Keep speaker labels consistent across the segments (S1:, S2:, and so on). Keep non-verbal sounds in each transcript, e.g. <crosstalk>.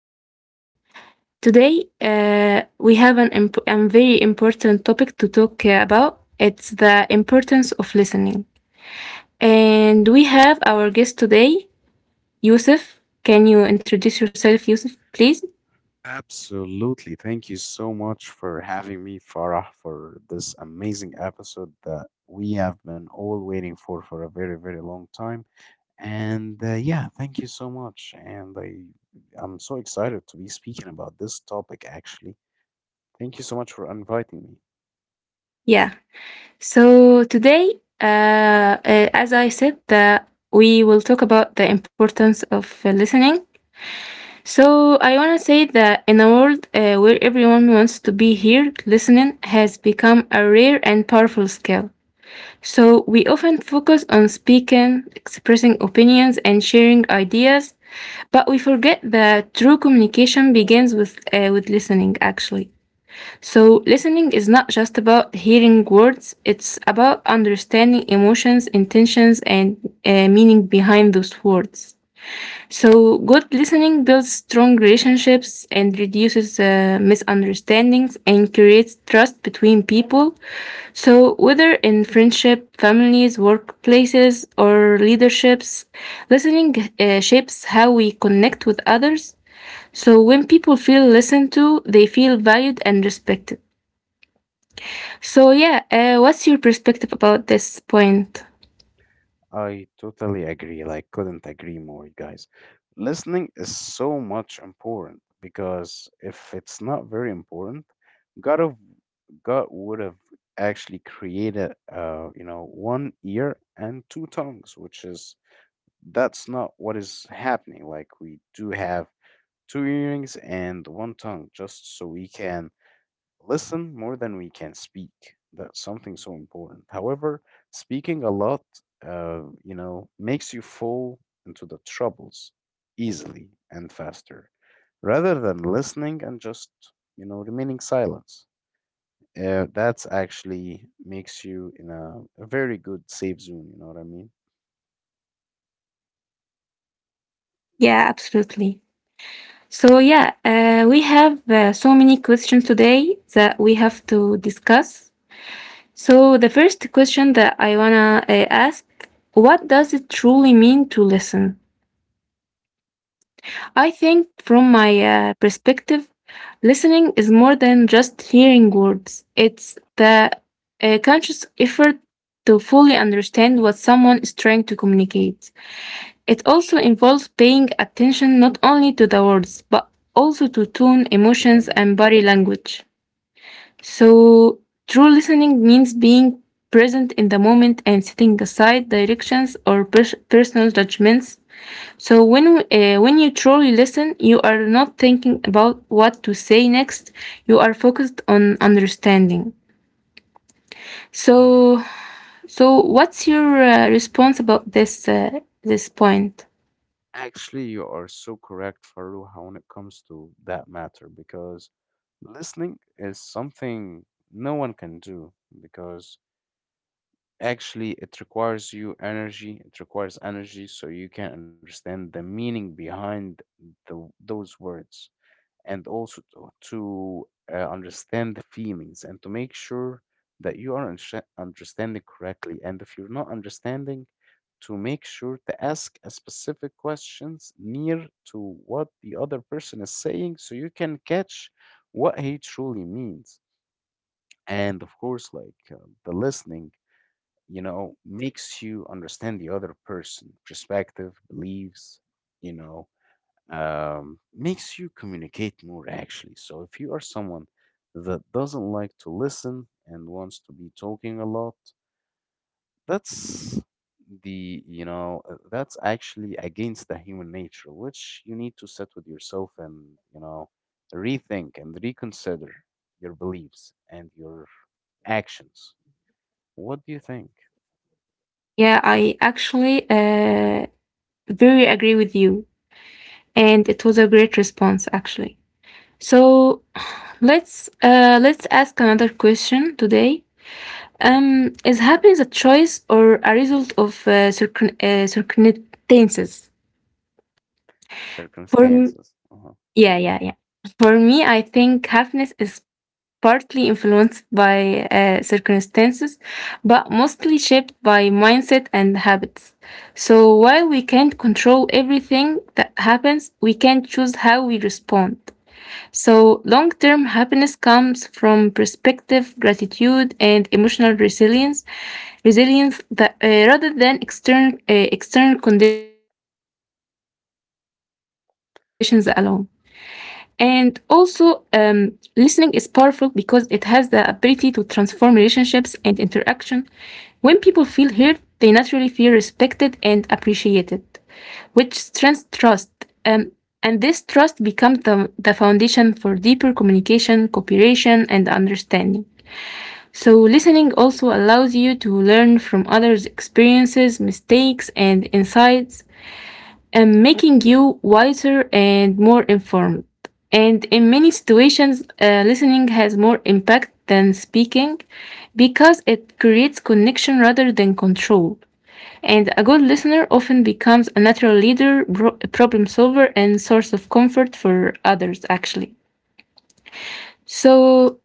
S1: today, we have a very important topic to talk about. It's the importance of listening. And we have our guest today, Yusuf. Can you introduce yourself, Yusuf, please?
S2: Absolutely. Thank you so much for having me, Farah, for this amazing episode that we have been all waiting for a very, very long time. Thank you so much. I'm so excited to be speaking about this topic, actually. Thank you so much for inviting me.
S1: Yeah. So today, uh, as I said, that we will talk about the importance of listening. So I want to say that in a world where everyone wants to be heard, listening has become a rare and powerful skill. So we often focus on speaking, expressing opinions, and sharing ideas, but we forget that true communication begins with with listening. Actually, so listening is not just about hearing words; it's about understanding emotions, intentions, and meaning behind those words. So good listening builds strong relationships and reduces misunderstandings and creates trust between people. So whether in friendship, families, workplaces, or leaderships, listening shapes how we connect with others. So when people feel listened to, they feel valued and respected. So, yeah, what's your perspective about this point?
S2: I totally agree. Like, couldn't agree more, you guys. Listening is so much important because if it's not very important, God of God would have actually created one ear and two tongues, which is that's not what is happening. Like we do have two earrings and one tongue just so we can listen more than we can speak. That's something so important. However, speaking a lot makes you fall into the troubles easily and faster rather than listening and just remaining silent. Uh, that's actually makes you in a very good safe zone, you know what I mean?
S1: Yeah, absolutely. So yeah, we have so many questions today that we have to discuss. So the first question that I wanna ask, what does it truly mean to listen? I think from my perspective, listening is more than just hearing words. It's the conscious effort to fully understand what someone is trying to communicate. It also involves paying attention not only to the words, but also to tone,
S2: To the
S1: emotions, and
S2: meaning.
S1: body language. So true listening means being present in the moment and setting aside directions or personal judgments. So, when you truly listen, you are not thinking about what to say next, you are focused on understanding.
S2: Mhm.
S1: So, so what's your response about this point?
S2: Actually, you are so correct, Faruha, when it comes to that matter, because listening is something no one can do because actually it requires you energy. It requires energy so you can understand the meaning behind those words, and also to understand the feelings, and to make sure that you are understanding correctly. And if you're not understanding, to make sure to ask a specific questions near to what the other person is saying so you can catch what he truly means. And of course, uh, the listening, you know, makes you understand the other person, perspective, beliefs, you know, makes you communicate more actually. So if you are someone that doesn't like to listen and wants to be talking a lot, that's that's actually against the human nature, which you need to sit with yourself and you know rethink and reconsider your beliefs and your actions. What do you think?
S1: Yeah, I actually Very agree with you, and it was a great response actually. So let's ask another question today. Is happiness a choice or a result of circumstances? For m-
S2: Circumstances. Uh-huh.
S1: yeah, yeah, yeah. For me, I think happiness is partly influenced by circumstances, but mostly shaped by mindset and habits. So while we can't control everything that happens, we can choose how we respond. So long term happiness comes from perspective, gratitude, and emotional resilience rather than external conditions alone. And also, listening is powerful because it has the ability to transform relationships and interaction. When people feel heard, they naturally feel respected and appreciated, which strengthens trust. Um, and this trust becomes the foundation for deeper communication, cooperation, and understanding. So listening also allows you to learn from others' experiences, mistakes, and insights and making you wiser and more informed. And in many situations, listening has more impact than speaking because it creates connection rather than control. And a good listener often becomes a natural leader, problem solver, and source of comfort for others, actually. So,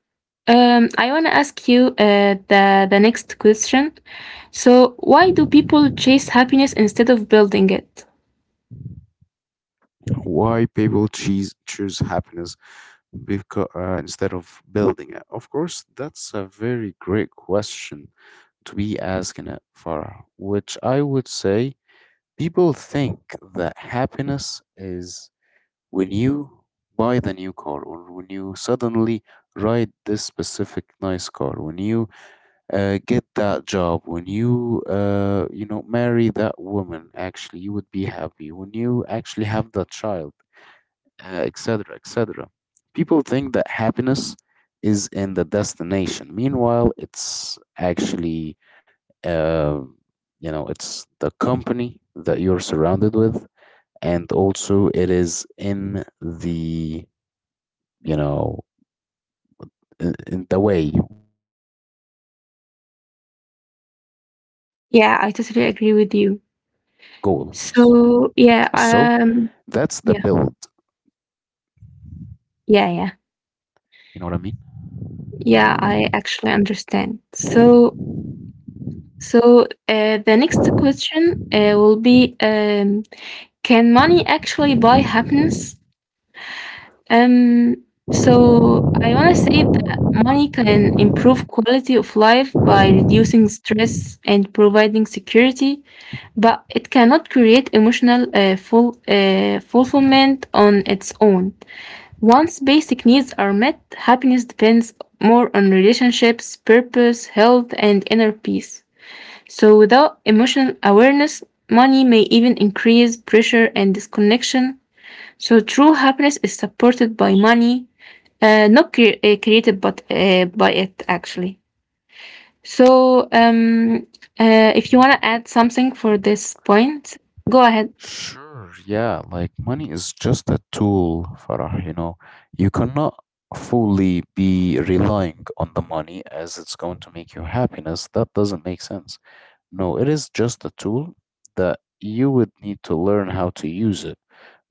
S1: I want to ask you the next question. So why do people chase happiness instead of building it?
S2: Why people choose happiness because instead of building it? Of course, that's a very great question to be asking it, Farah, which I would say people think that happiness is when you buy the new car, or when you suddenly ride this specific nice car, when you get that job, when you you know marry that woman, actually you would be happy. When you actually have that child etc., etc. People think that happiness is in the destination. Meanwhile, it's actually, uh, it's the company that you're surrounded with, and also it is in the, you know, in the way while you are achieving your goals.
S1: Yeah, I totally agree with you.
S2: So that's the build.
S1: So, yeah, um, yeah,
S2: You know what I
S1: yeah,
S2: mean?
S1: yeah. Yeah, I actually understand. So so, the next question, will be, can money actually buy happiness? Um, so I wanna say that money can improve quality of life by reducing stress and providing security, but it cannot create emotional, full fulfillment on its own. Once basic needs are met, happiness depends more on relationships, purpose, health, and inner peace. So without emotional awareness, money may even increase pressure and disconnection. So true happiness is supported by money, not created but by it actually. So, if you want to add something for this point, go ahead.
S2: Sure, yeah, like money is just a tool, Farah, you know. You cannot fully be relying on the money as it's going to make you happiness. That doesn't make sense. No, it is just a tool that you would need to learn how to use it,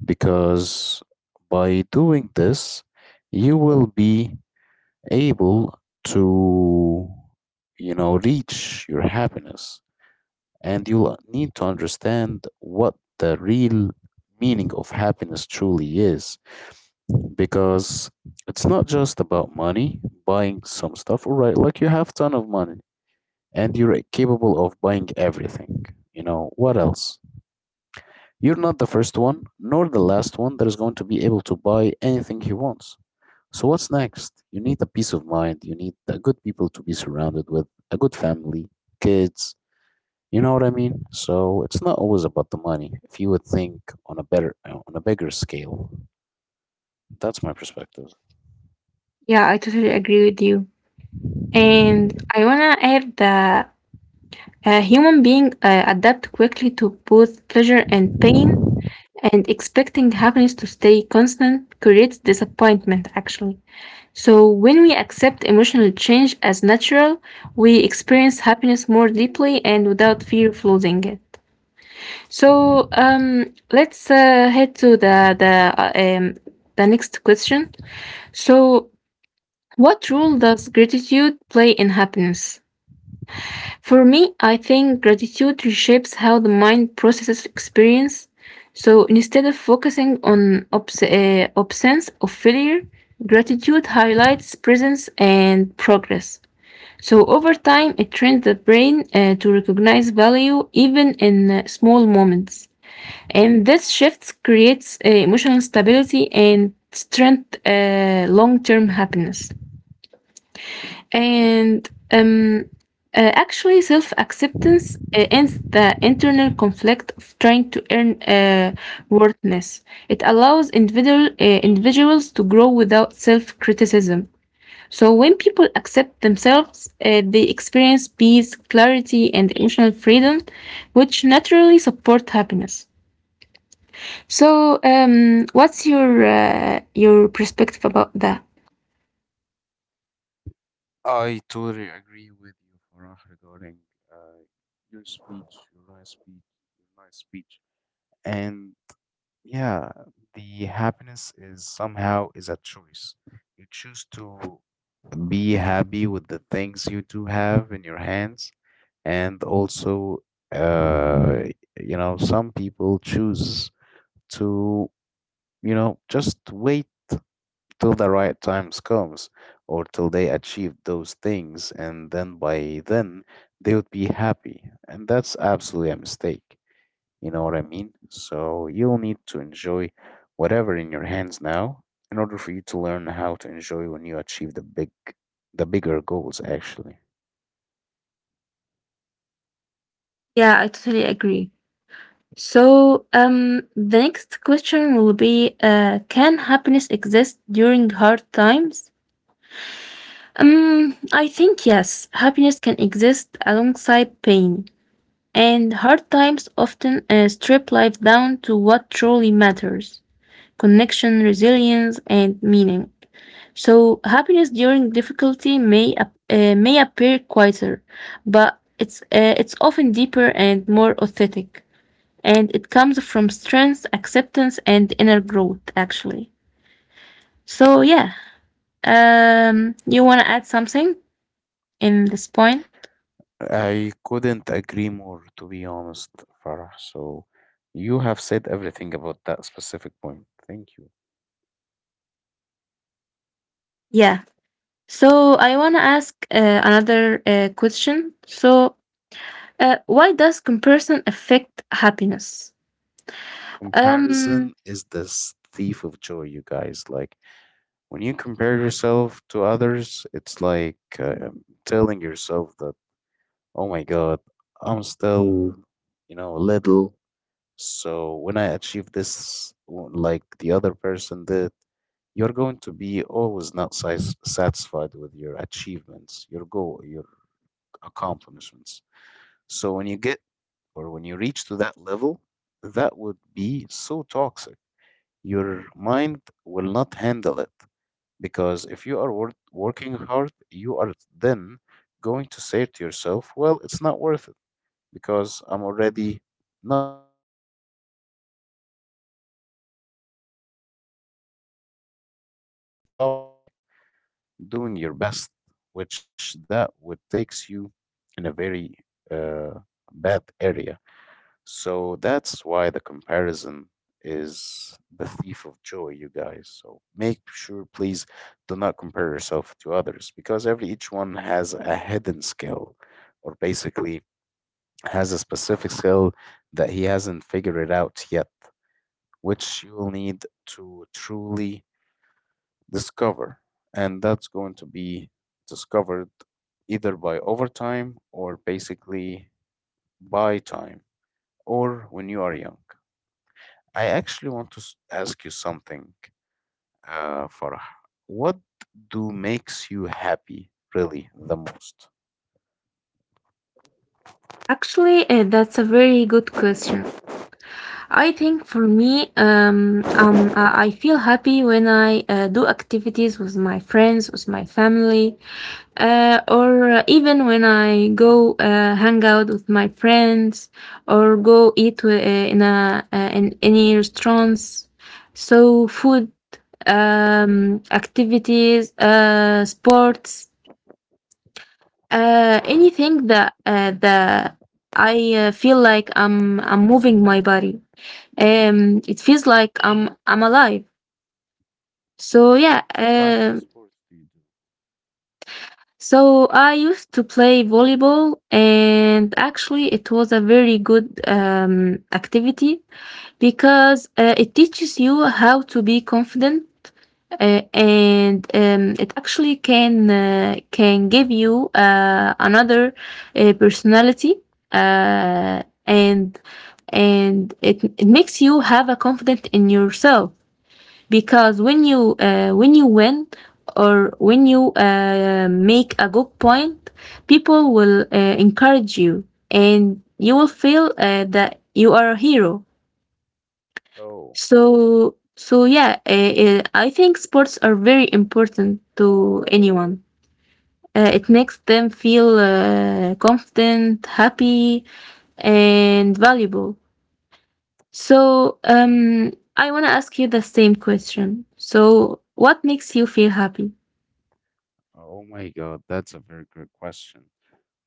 S2: because by doing this, you will be able to reach your happiness, and you'll need to understand what the real meaning of happiness truly is, because it's not just about money buying some stuff. All right, like you have ton of money and you're capable of buying everything. You know what else? You're not the first one nor the last one that is going to be able to buy anything he wants. So what's next? You need a peace of mind. You need the good people to be surrounded with, a good family, kids. You know what I mean? So it's not always about the money. If you would think on a bigger scale, that's my perspective.
S1: Yeah, I totally agree with you. And I want to add that a human being adapt quickly to both pleasure and pain, and expecting happiness to stay constant creates disappointment, actually. So when we accept emotional change as natural, we experience happiness more deeply and without fear of losing it. So, let's head to the next question. So what role does gratitude play in happiness? For me, I think gratitude reshapes how the mind processes experience. So instead of focusing on absence of failure, gratitude highlights presence and progress. So over time, it trains the brain to recognize value even in small moments. And this shift creates emotional stability and strength long-term happiness. And actually, self acceptance ends the internal conflict of trying to earn worthness. It allows individuals to grow without self criticism. So when people accept themselves, they experience peace, clarity, and emotional freedom, which naturally support happiness. So, what's your perspective about that?
S2: I totally agree with you, Farah, regarding uh, your speech, your nice speech. And yeah, the happiness is somehow is a choice. You choose to be happy with the things you do have in your hands. And also, uh, you know, some people choose to, you know, just wait till the right times comes, or till they achieve those things. And then by then, they would be happy. And that's absolutely a mistake. You know what I mean? So you'll need to enjoy whatever in your hands now in order for you to learn how to enjoy when you achieve the bigger goals actually.
S1: Yeah, I totally agree. So, the next question will be can happiness exist during hard times? I think yes, happiness can exist alongside pain, and hard times often strip life down to what truly matters: connection, resilience, and meaning. So happiness during difficulty may appear quieter, but it's often deeper and more authentic and it comes from strength, acceptance, and inner growth, actually. So, yeah, you want to add something in this point?
S2: I couldn't agree more, to be honest, Farah. So you have said everything about that specific point. Thank you.
S1: Yeah. So I want to ask another question. So why does comparison affect happiness? Um,
S2: Comparison is this thief of joy, you guys. Like when you compare yourself to others, it's like, telling yourself that oh my God, I'm still, you know, little. So when I achieve this, like the other person did, you're going to be always not satisfied with your achievements, your goal, your accomplishments. So when you get, or when you reach to that level, that would be so toxic. Your mind will not handle it because if you are working hard, you are then going to say to yourself, well, it's not worth it because I'm already not making it. So why do I have to bother? So you would start stopping doing your best, which that would takes you in a very uh, bad area. So that's why the comparison is the thief of joy, you guys. So make sure, please, do not compare yourself to others, because every each one has a hidden skill, or basically has a specific skill that he hasn't figured it out yet, which you'll need to truly discover. And that's going to be discovered either by overtime, or basically by time, or when you are young. I actually want to ask you something, Farah. What do makes you happy really the most?
S1: actually, that's a very good question. I think for me, I feel happy when I do activities with my friends, with my family, or even when I go hang out with my friends or go eat in any restaurants. So food, activities, sports, anything that that I feel like I'm moving my body. It feels like I'm alive. So yeah,
S2: What kind of sports do you do?
S1: so I used to play volleyball, and actually, it was a very good activity because it teaches you how to be confident, and it actually can give you another personality, uh, and and it makes you have a confidence in yourself because when you win or when you make a good point, people will encourage you and you will feel that you are a hero.
S2: Oh,
S1: So so yeah, I think sports are very important to anyone. It makes them feel confident, happy, and valuable. So um, I want to ask you the same question: so what makes you feel happy?
S2: oh my God, that's a very good question.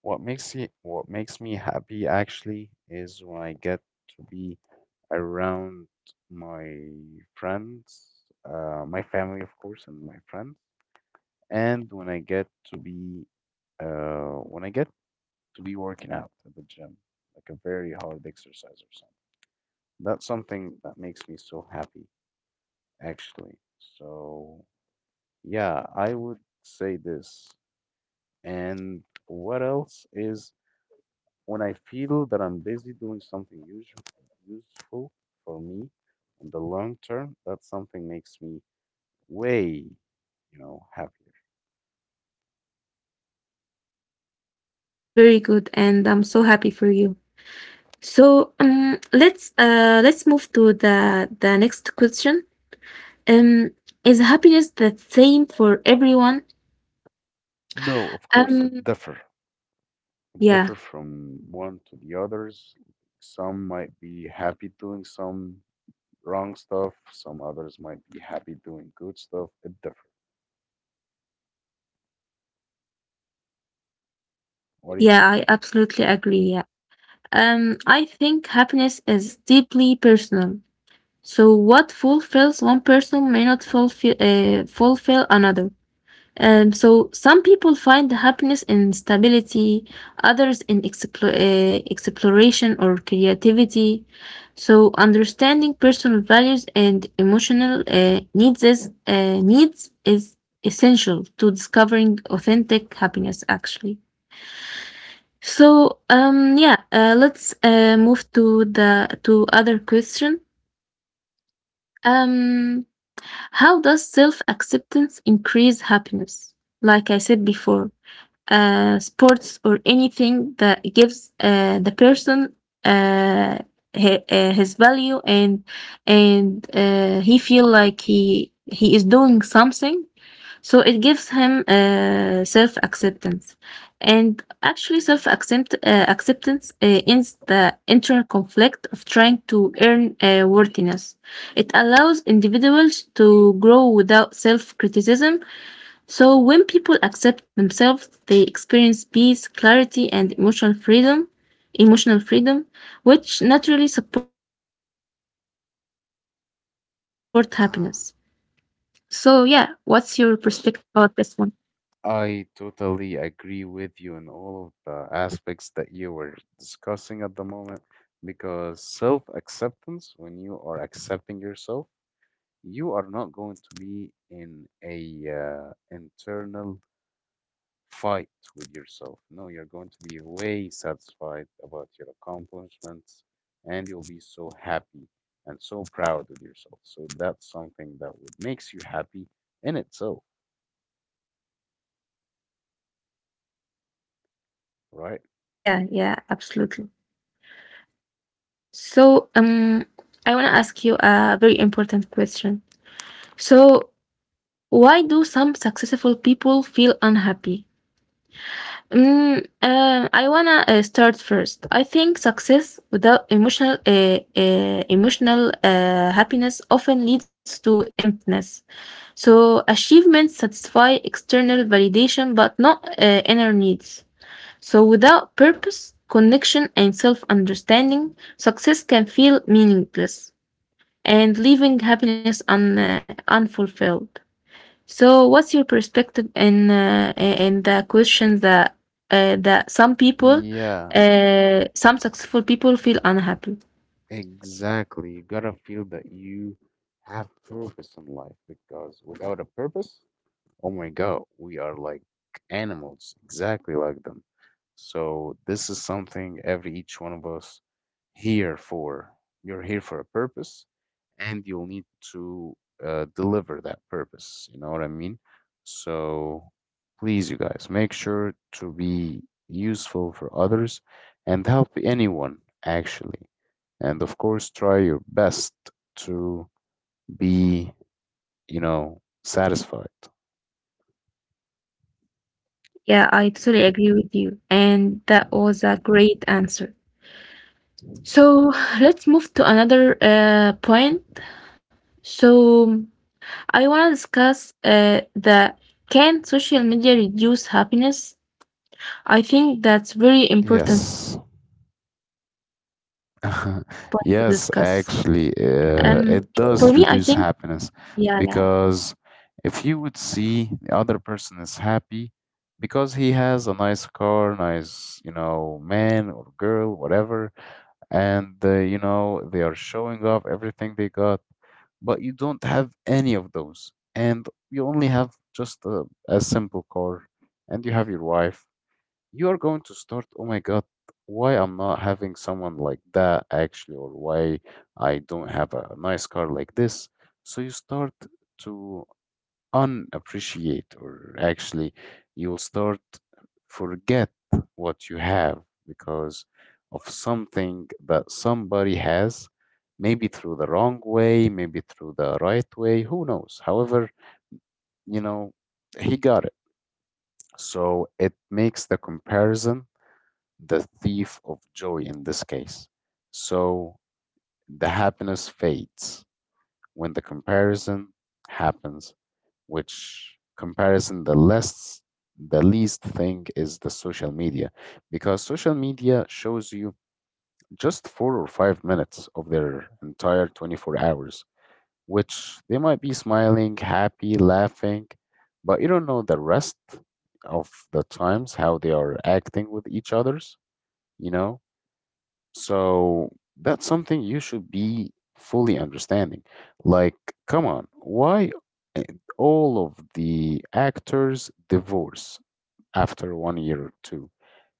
S2: What makes it, what makes me happy actually is when I get to be around my friends, my family, of course, and my friends, and when I get to be, when I get to be working out at the gym, like a very hard exercise or something. That's something that makes me so happy, actually. So, yeah, I would say this. And what else is when I feel that I'm busy doing something useful for me in the long term, that something makes me way, you know, happier.
S1: Yeah, that's very good, and I'm so happy for you. So let's move to the next question. Um, is happiness the same for everyone?
S2: No, of course, it
S1: Um,
S2: differ. It
S1: yeah,
S2: differ from one to the others. Some might be happy doing some wrong stuff. Some others might be happy doing good stuff. It differ. What do you
S1: yeah,
S2: think?
S1: I absolutely agree. Yeah. I think happiness is deeply personal. So what fulfills one person may not fulfill another. So some people find the happiness in stability, others in exploration or creativity. So understanding personal values and emotional needs is essential to discovering authentic happiness. Actually, so yeah, let's move to the to other question. Um, how does self acceptance increase happiness? Like I said before, sports or anything that gives the person uh, his value and he feel like he is doing something, so it gives him self acceptance. And actually self acceptance ends the internal conflict of trying to earn worthiness. It allows individuals to grow without self criticism. So when people accept themselves, they experience peace, clarity, and emotional freedom, which naturally support happiness. So, yeah, what's your perspective about this one?
S2: I totally agree with you in all of the aspects that you were discussing at the moment, because self acceptance, when you are accepting yourself, you are not going to be in a internal fight with yourself. No, you're going to be way satisfied about your accomplishments, and you'll be so happy and so proud of yourself. So that's something that would makes you happy in itself,
S1: Yeah, yeah,
S2: right?
S1: absolutely. So, I want to ask you a very important question. So why do some successful people feel unhappy? Mm, I wanna start first. I think success without emotional happiness often leads to emptiness. So achievements satisfy external validation but not inner needs. So without purpose, connection, and self-understanding, success can feel meaningless and leaving happiness unfulfilled. So what's your perspective in in the question that that some people,
S2: Yeah.
S1: some successful people feel unhappy?
S2: Exactly. You gotta feel that you have purpose in life, because without a purpose, oh my God, we are like animals, exactly like them. So this is something every each one of us here for. You're here for a purpose, and you'll need to deliver that purpose. You know what I mean? So please, you guys, make sure to be useful for others and help anyone actually. And of course, try your best to be, you know, satisfied.
S1: Yeah, I totally agree with you, and that was a great answer. So <sighs> let's move to another point. So I want to discuss the can social media reduce happiness? I think that's very important point
S2: Yes.
S1: to discuss. Um,
S2: <laughs>
S1: for me, I
S2: Yes,
S1: think
S2: actually,
S1: yeah,
S2: it
S1: yeah.
S2: does reduce happiness because if you would see the other person is happy because he has a nice car, nice, you know, man or girl, whatever, and you know, they are showing off everything they got, but you don't have any of those, and you only have just a simple car, and you have your wife, you are going to start, oh my God, why I'm not having someone like that actually, or why I don't have a nice car like this. So you start to unappreciate, or actually, you'll start forget what you have, because of something that somebody has, maybe through the wrong way, maybe through the right way, who knows? However, you know, he got it. So it makes the comparison the thief of joy in this case. So the happiness fades when the comparison happens, which comparison the least thing is the social media, because social media shows you just four or five minutes of their entire 24 hours, which they might be smiling, happy, laughing, but you don't know the rest of the times how they are acting with each others, you know. So that's something you should be fully understanding. Like, come on, why uh, all of the actors divorce after one year or two?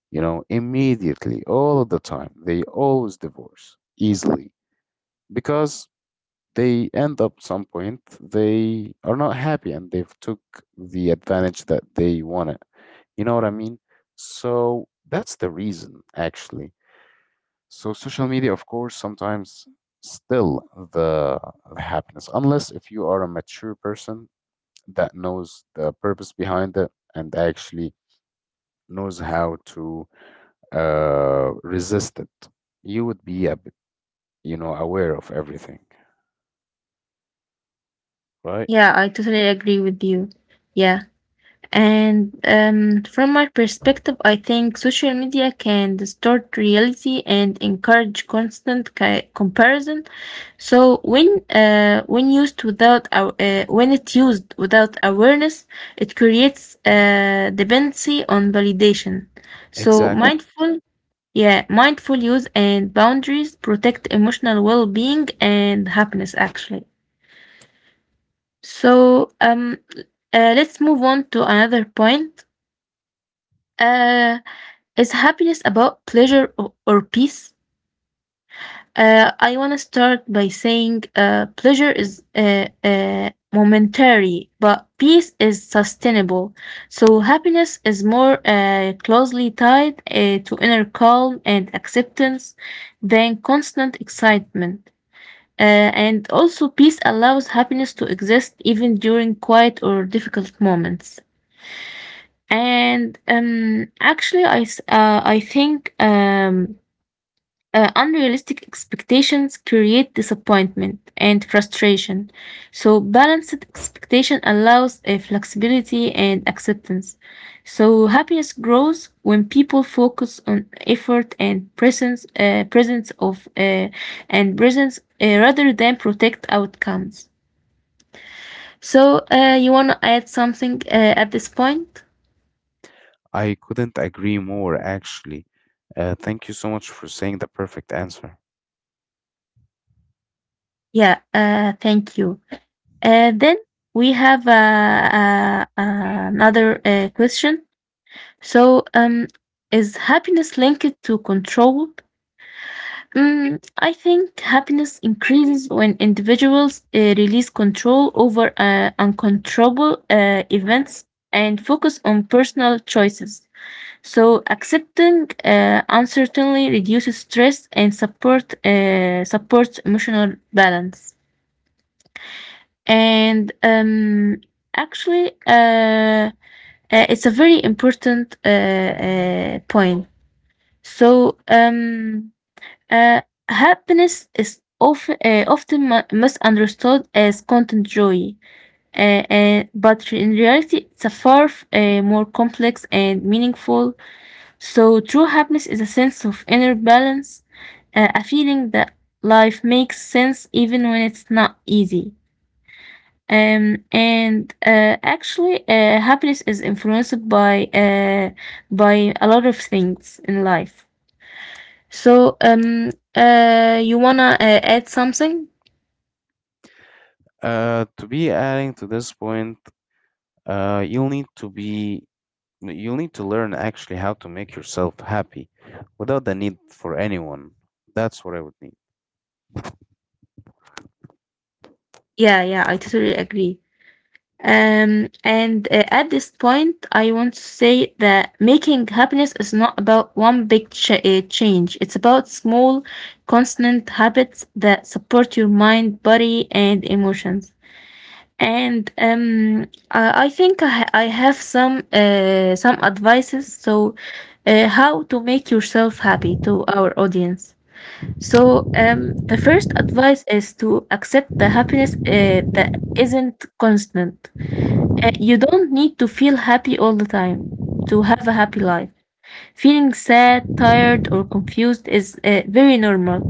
S2: You know, immediately, all of the time, they always divorce easily because they end up some point they are not happy and they've took the advantage that they wanted. You know what I mean? So that's the reason actually. So social media, of course, sometimes still the, the happiness, unless if you are a mature person that knows the purpose behind it and actually knows how to resist it. You would be a bit, you know, aware of everything, right?
S1: Yeah, I totally agree with you. Yeah. And from my perspective, I think social media can distort reality and encourage constant ki comparison. So when used without when it's used without awareness, it creates dependency on validation. So
S2: Exactly.
S1: mindful. Yeah, mindful use and boundaries protect emotional well-being and happiness actually. So, um let's move on to another point. Uh, is happiness about pleasure or peace? I want to start by saying pleasure is momentary, but peace is sustainable. So happiness is more closely tied to inner calm and acceptance than constant excitement. And also, peace allows happiness to exist even during quiet or difficult moments. And Actually, I think unrealistic expectations create disappointment and frustration. So, balanced expectation allows a flexibility and acceptance. So, happiness grows when people focus on effort and presence, rather than protect outcomes. So, you want to add something at this point?
S2: I couldn't agree more, actually. Thank you so much for saying the perfect answer.
S1: Yeah, thank you. Then we have another question. So, um, is happiness linked to control? Mm, I think happiness increases when individuals release control over uncontrollable events and focus on personal choices. So, accepting uncertainty reduces stress and supports emotional balance. And um, actually, uh, it's a very important point. So, um, uh, Happiness is often, often misunderstood as content joy, but in reality, it's a far more complex and meaningful. So, true happiness is a sense of inner balance, a feeling that life makes sense even when it's not easy. And Actually, happiness is influenced by a lot of things in life. You wanna add something?
S2: To be adding to this point, uh, you'll need to be you'll need to learn actually how to make yourself happy without the need for anyone. That's what I would need.
S1: Yeah, yeah, I totally agree. And At this point, I want to say that making happiness is not about one big ch change. It's about small, constant habits that support your mind, body, and emotions. And I think I have some advices. So, how to make yourself happy to our audience. So, the first advice is to accept the happiness that isn't constant. You don't need to feel happy all the time to have a happy life. Feeling sad, tired, or confused is very normal.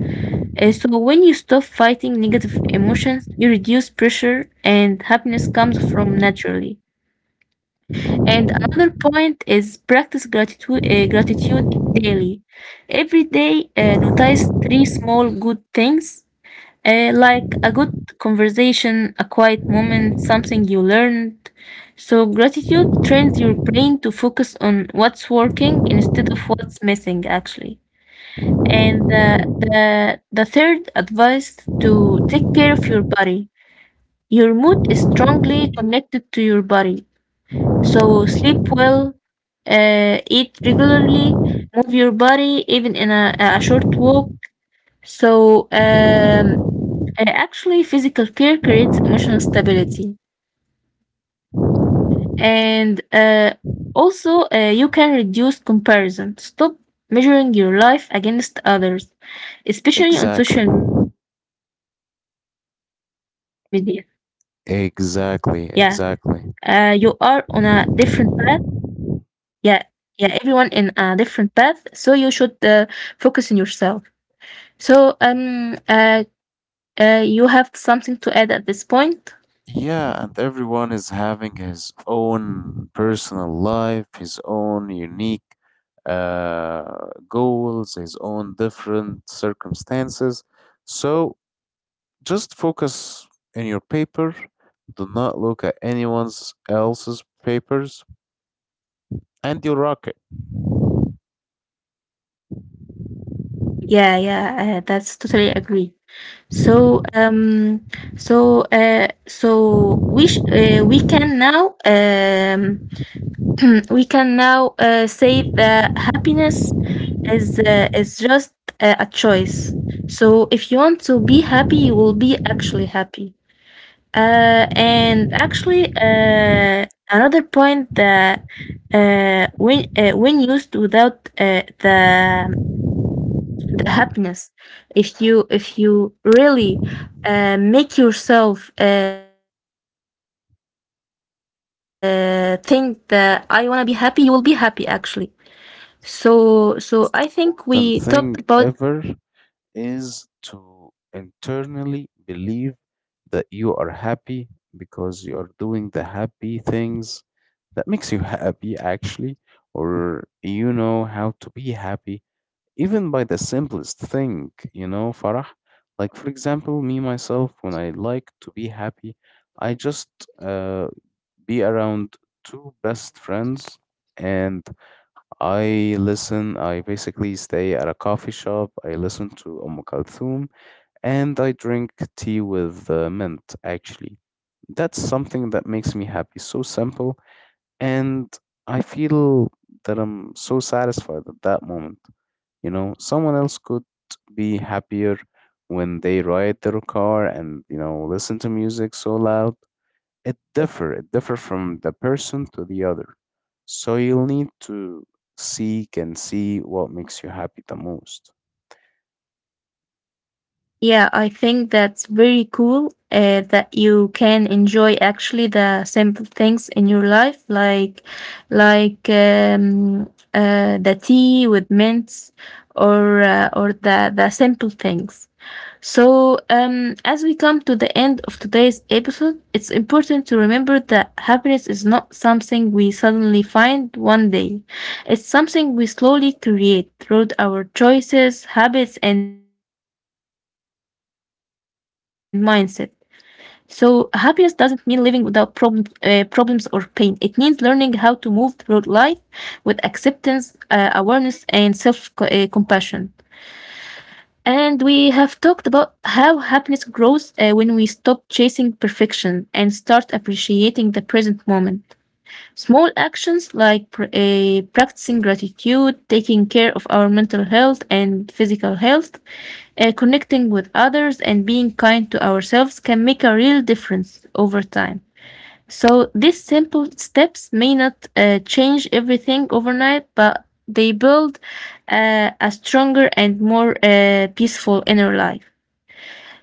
S1: So, when you stop fighting negative emotions, you reduce pressure and happiness comes from naturally. And another point is practice gratitude, gratitude daily. Every day, notice three small good things like a good conversation, a quiet moment, something you learned. So, gratitude trains your brain to focus on what's working instead of what's missing, actually. And the third advice to take care of your body. Your mood is strongly connected to your body. So, sleep well, eat regularly, move your body, even in a short walk so, um, uh, actually, physical care creates emotional stability. And uh, you can reduce comparison. Stop measuring your life against others, especially on
S2: Exactly.
S1: social media. Yeah, you are on a
S2: Exactly.
S1: different path.
S2: Exactly.
S1: Yeah, yeah, everyone in a different path. So you should focus on yourself. So, um, uh, you have something to add at this point?
S2: Yeah, and everyone is having his own personal life, his own unique goals, his own different circumstances. So just focus in your paper. Do not look at anyone's else's papers, and you'll rock it.
S1: Yeah, yeah, that's totally agree. So, um, we can now, <clears throat> we can now say that happiness is just a choice. So, if you want to be happy, you will be actually happy. And actually, another point that when used without the the happiness. If you if you really make yourself think that I want to be happy, you will be happy actually. So I think we talked
S2: Exactly, the
S1: about.
S2: most important thing ever is to internally believe that you are happy because you are doing the happy things that makes you happy actually, or you know how to be happy even by the simplest thing, you know, Farah. Like for example, me myself, when I like to be happy, I just uh, be around two best friends, and I listen, I basically stay at a coffee shop, I listen to Kulthum, and I drink tea with mint, actually. That's something that makes me happy. So simple. And I feel that I'm so satisfied at that moment. You know, someone else could be happier when they ride their car and, you know, listen to music so loud. It differ. It differ from the person to the other. So you'll need to seek and see what makes you happy the most.
S1: Yeah, I think that's very cool that you can enjoy actually the simple things in your life, like like um, the tea with mints or the simple things. So, as we come to the end of today's episode, it's important to remember that happiness is not something we suddenly find one day. It's something we slowly create through our choices, habits, and mindset. So, happiness doesn't mean living without problems or pain. It means learning how to move through life with acceptance, awareness, and self- compassion. And we have talked about how happiness grows when we stop chasing perfection and start appreciating the present moment. Small actions like practicing gratitude, taking care of our mental health and physical health, connecting with others, and being kind to ourselves can make a real difference over time. So these simple steps may not change everything overnight, but they build a stronger and more peaceful inner life.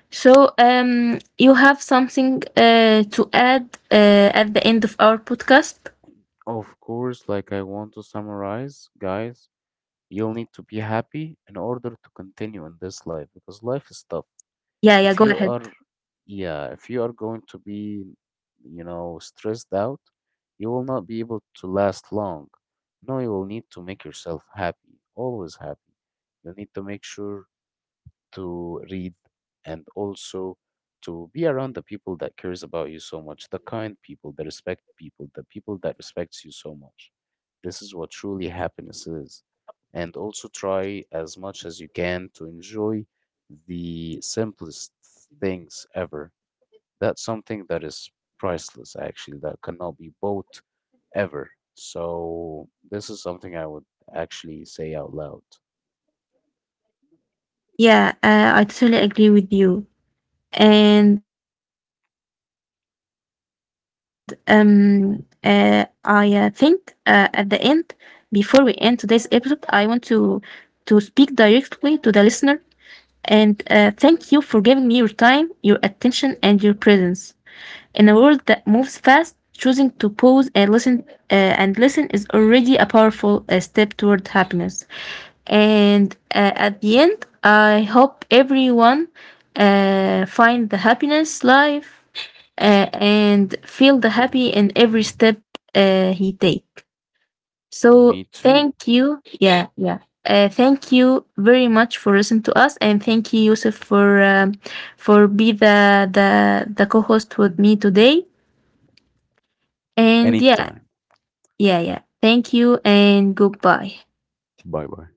S1: You have something to add at the end of our podcast?
S2: Of course, like I want to summarize, guys, you'll need to be happy in order to continue in this life because life is tough.
S1: Yeah, yeah,
S2: If
S1: go
S2: you
S1: ahead.
S2: are, yeah, if you are going to be, you know, stressed out, you will not be able to last long. No, you will need to make yourself happy, always happy. You need to make sure to read, and also to be around the people that cares about you so much, the kind people, the respect people, the people that respects you so much. This is what truly happiness is. And also try as much as you can to enjoy the simplest things ever. That's something that is priceless, actually, that cannot be bought ever. So, this is something I would actually say out loud.
S1: Yeah, I totally agree with you. And I think at the end, before we end today's episode, I want to speak directly to the listener and thank you for giving me your time, your attention, and your presence. In a world that moves fast, choosing to pause and listen is already a powerful step toward happiness. And At the end, I hope everyone find the happiness life and feel the happy in every step he take. So
S2: Me too.
S1: thank you. Yeah, yeah. Thank you very much for listening to us, and thank you, Yusuf, for be the co-host with me today. And yeah,
S2: Anytime.
S1: yeah, yeah. Thank you and goodbye.
S2: Bye bye.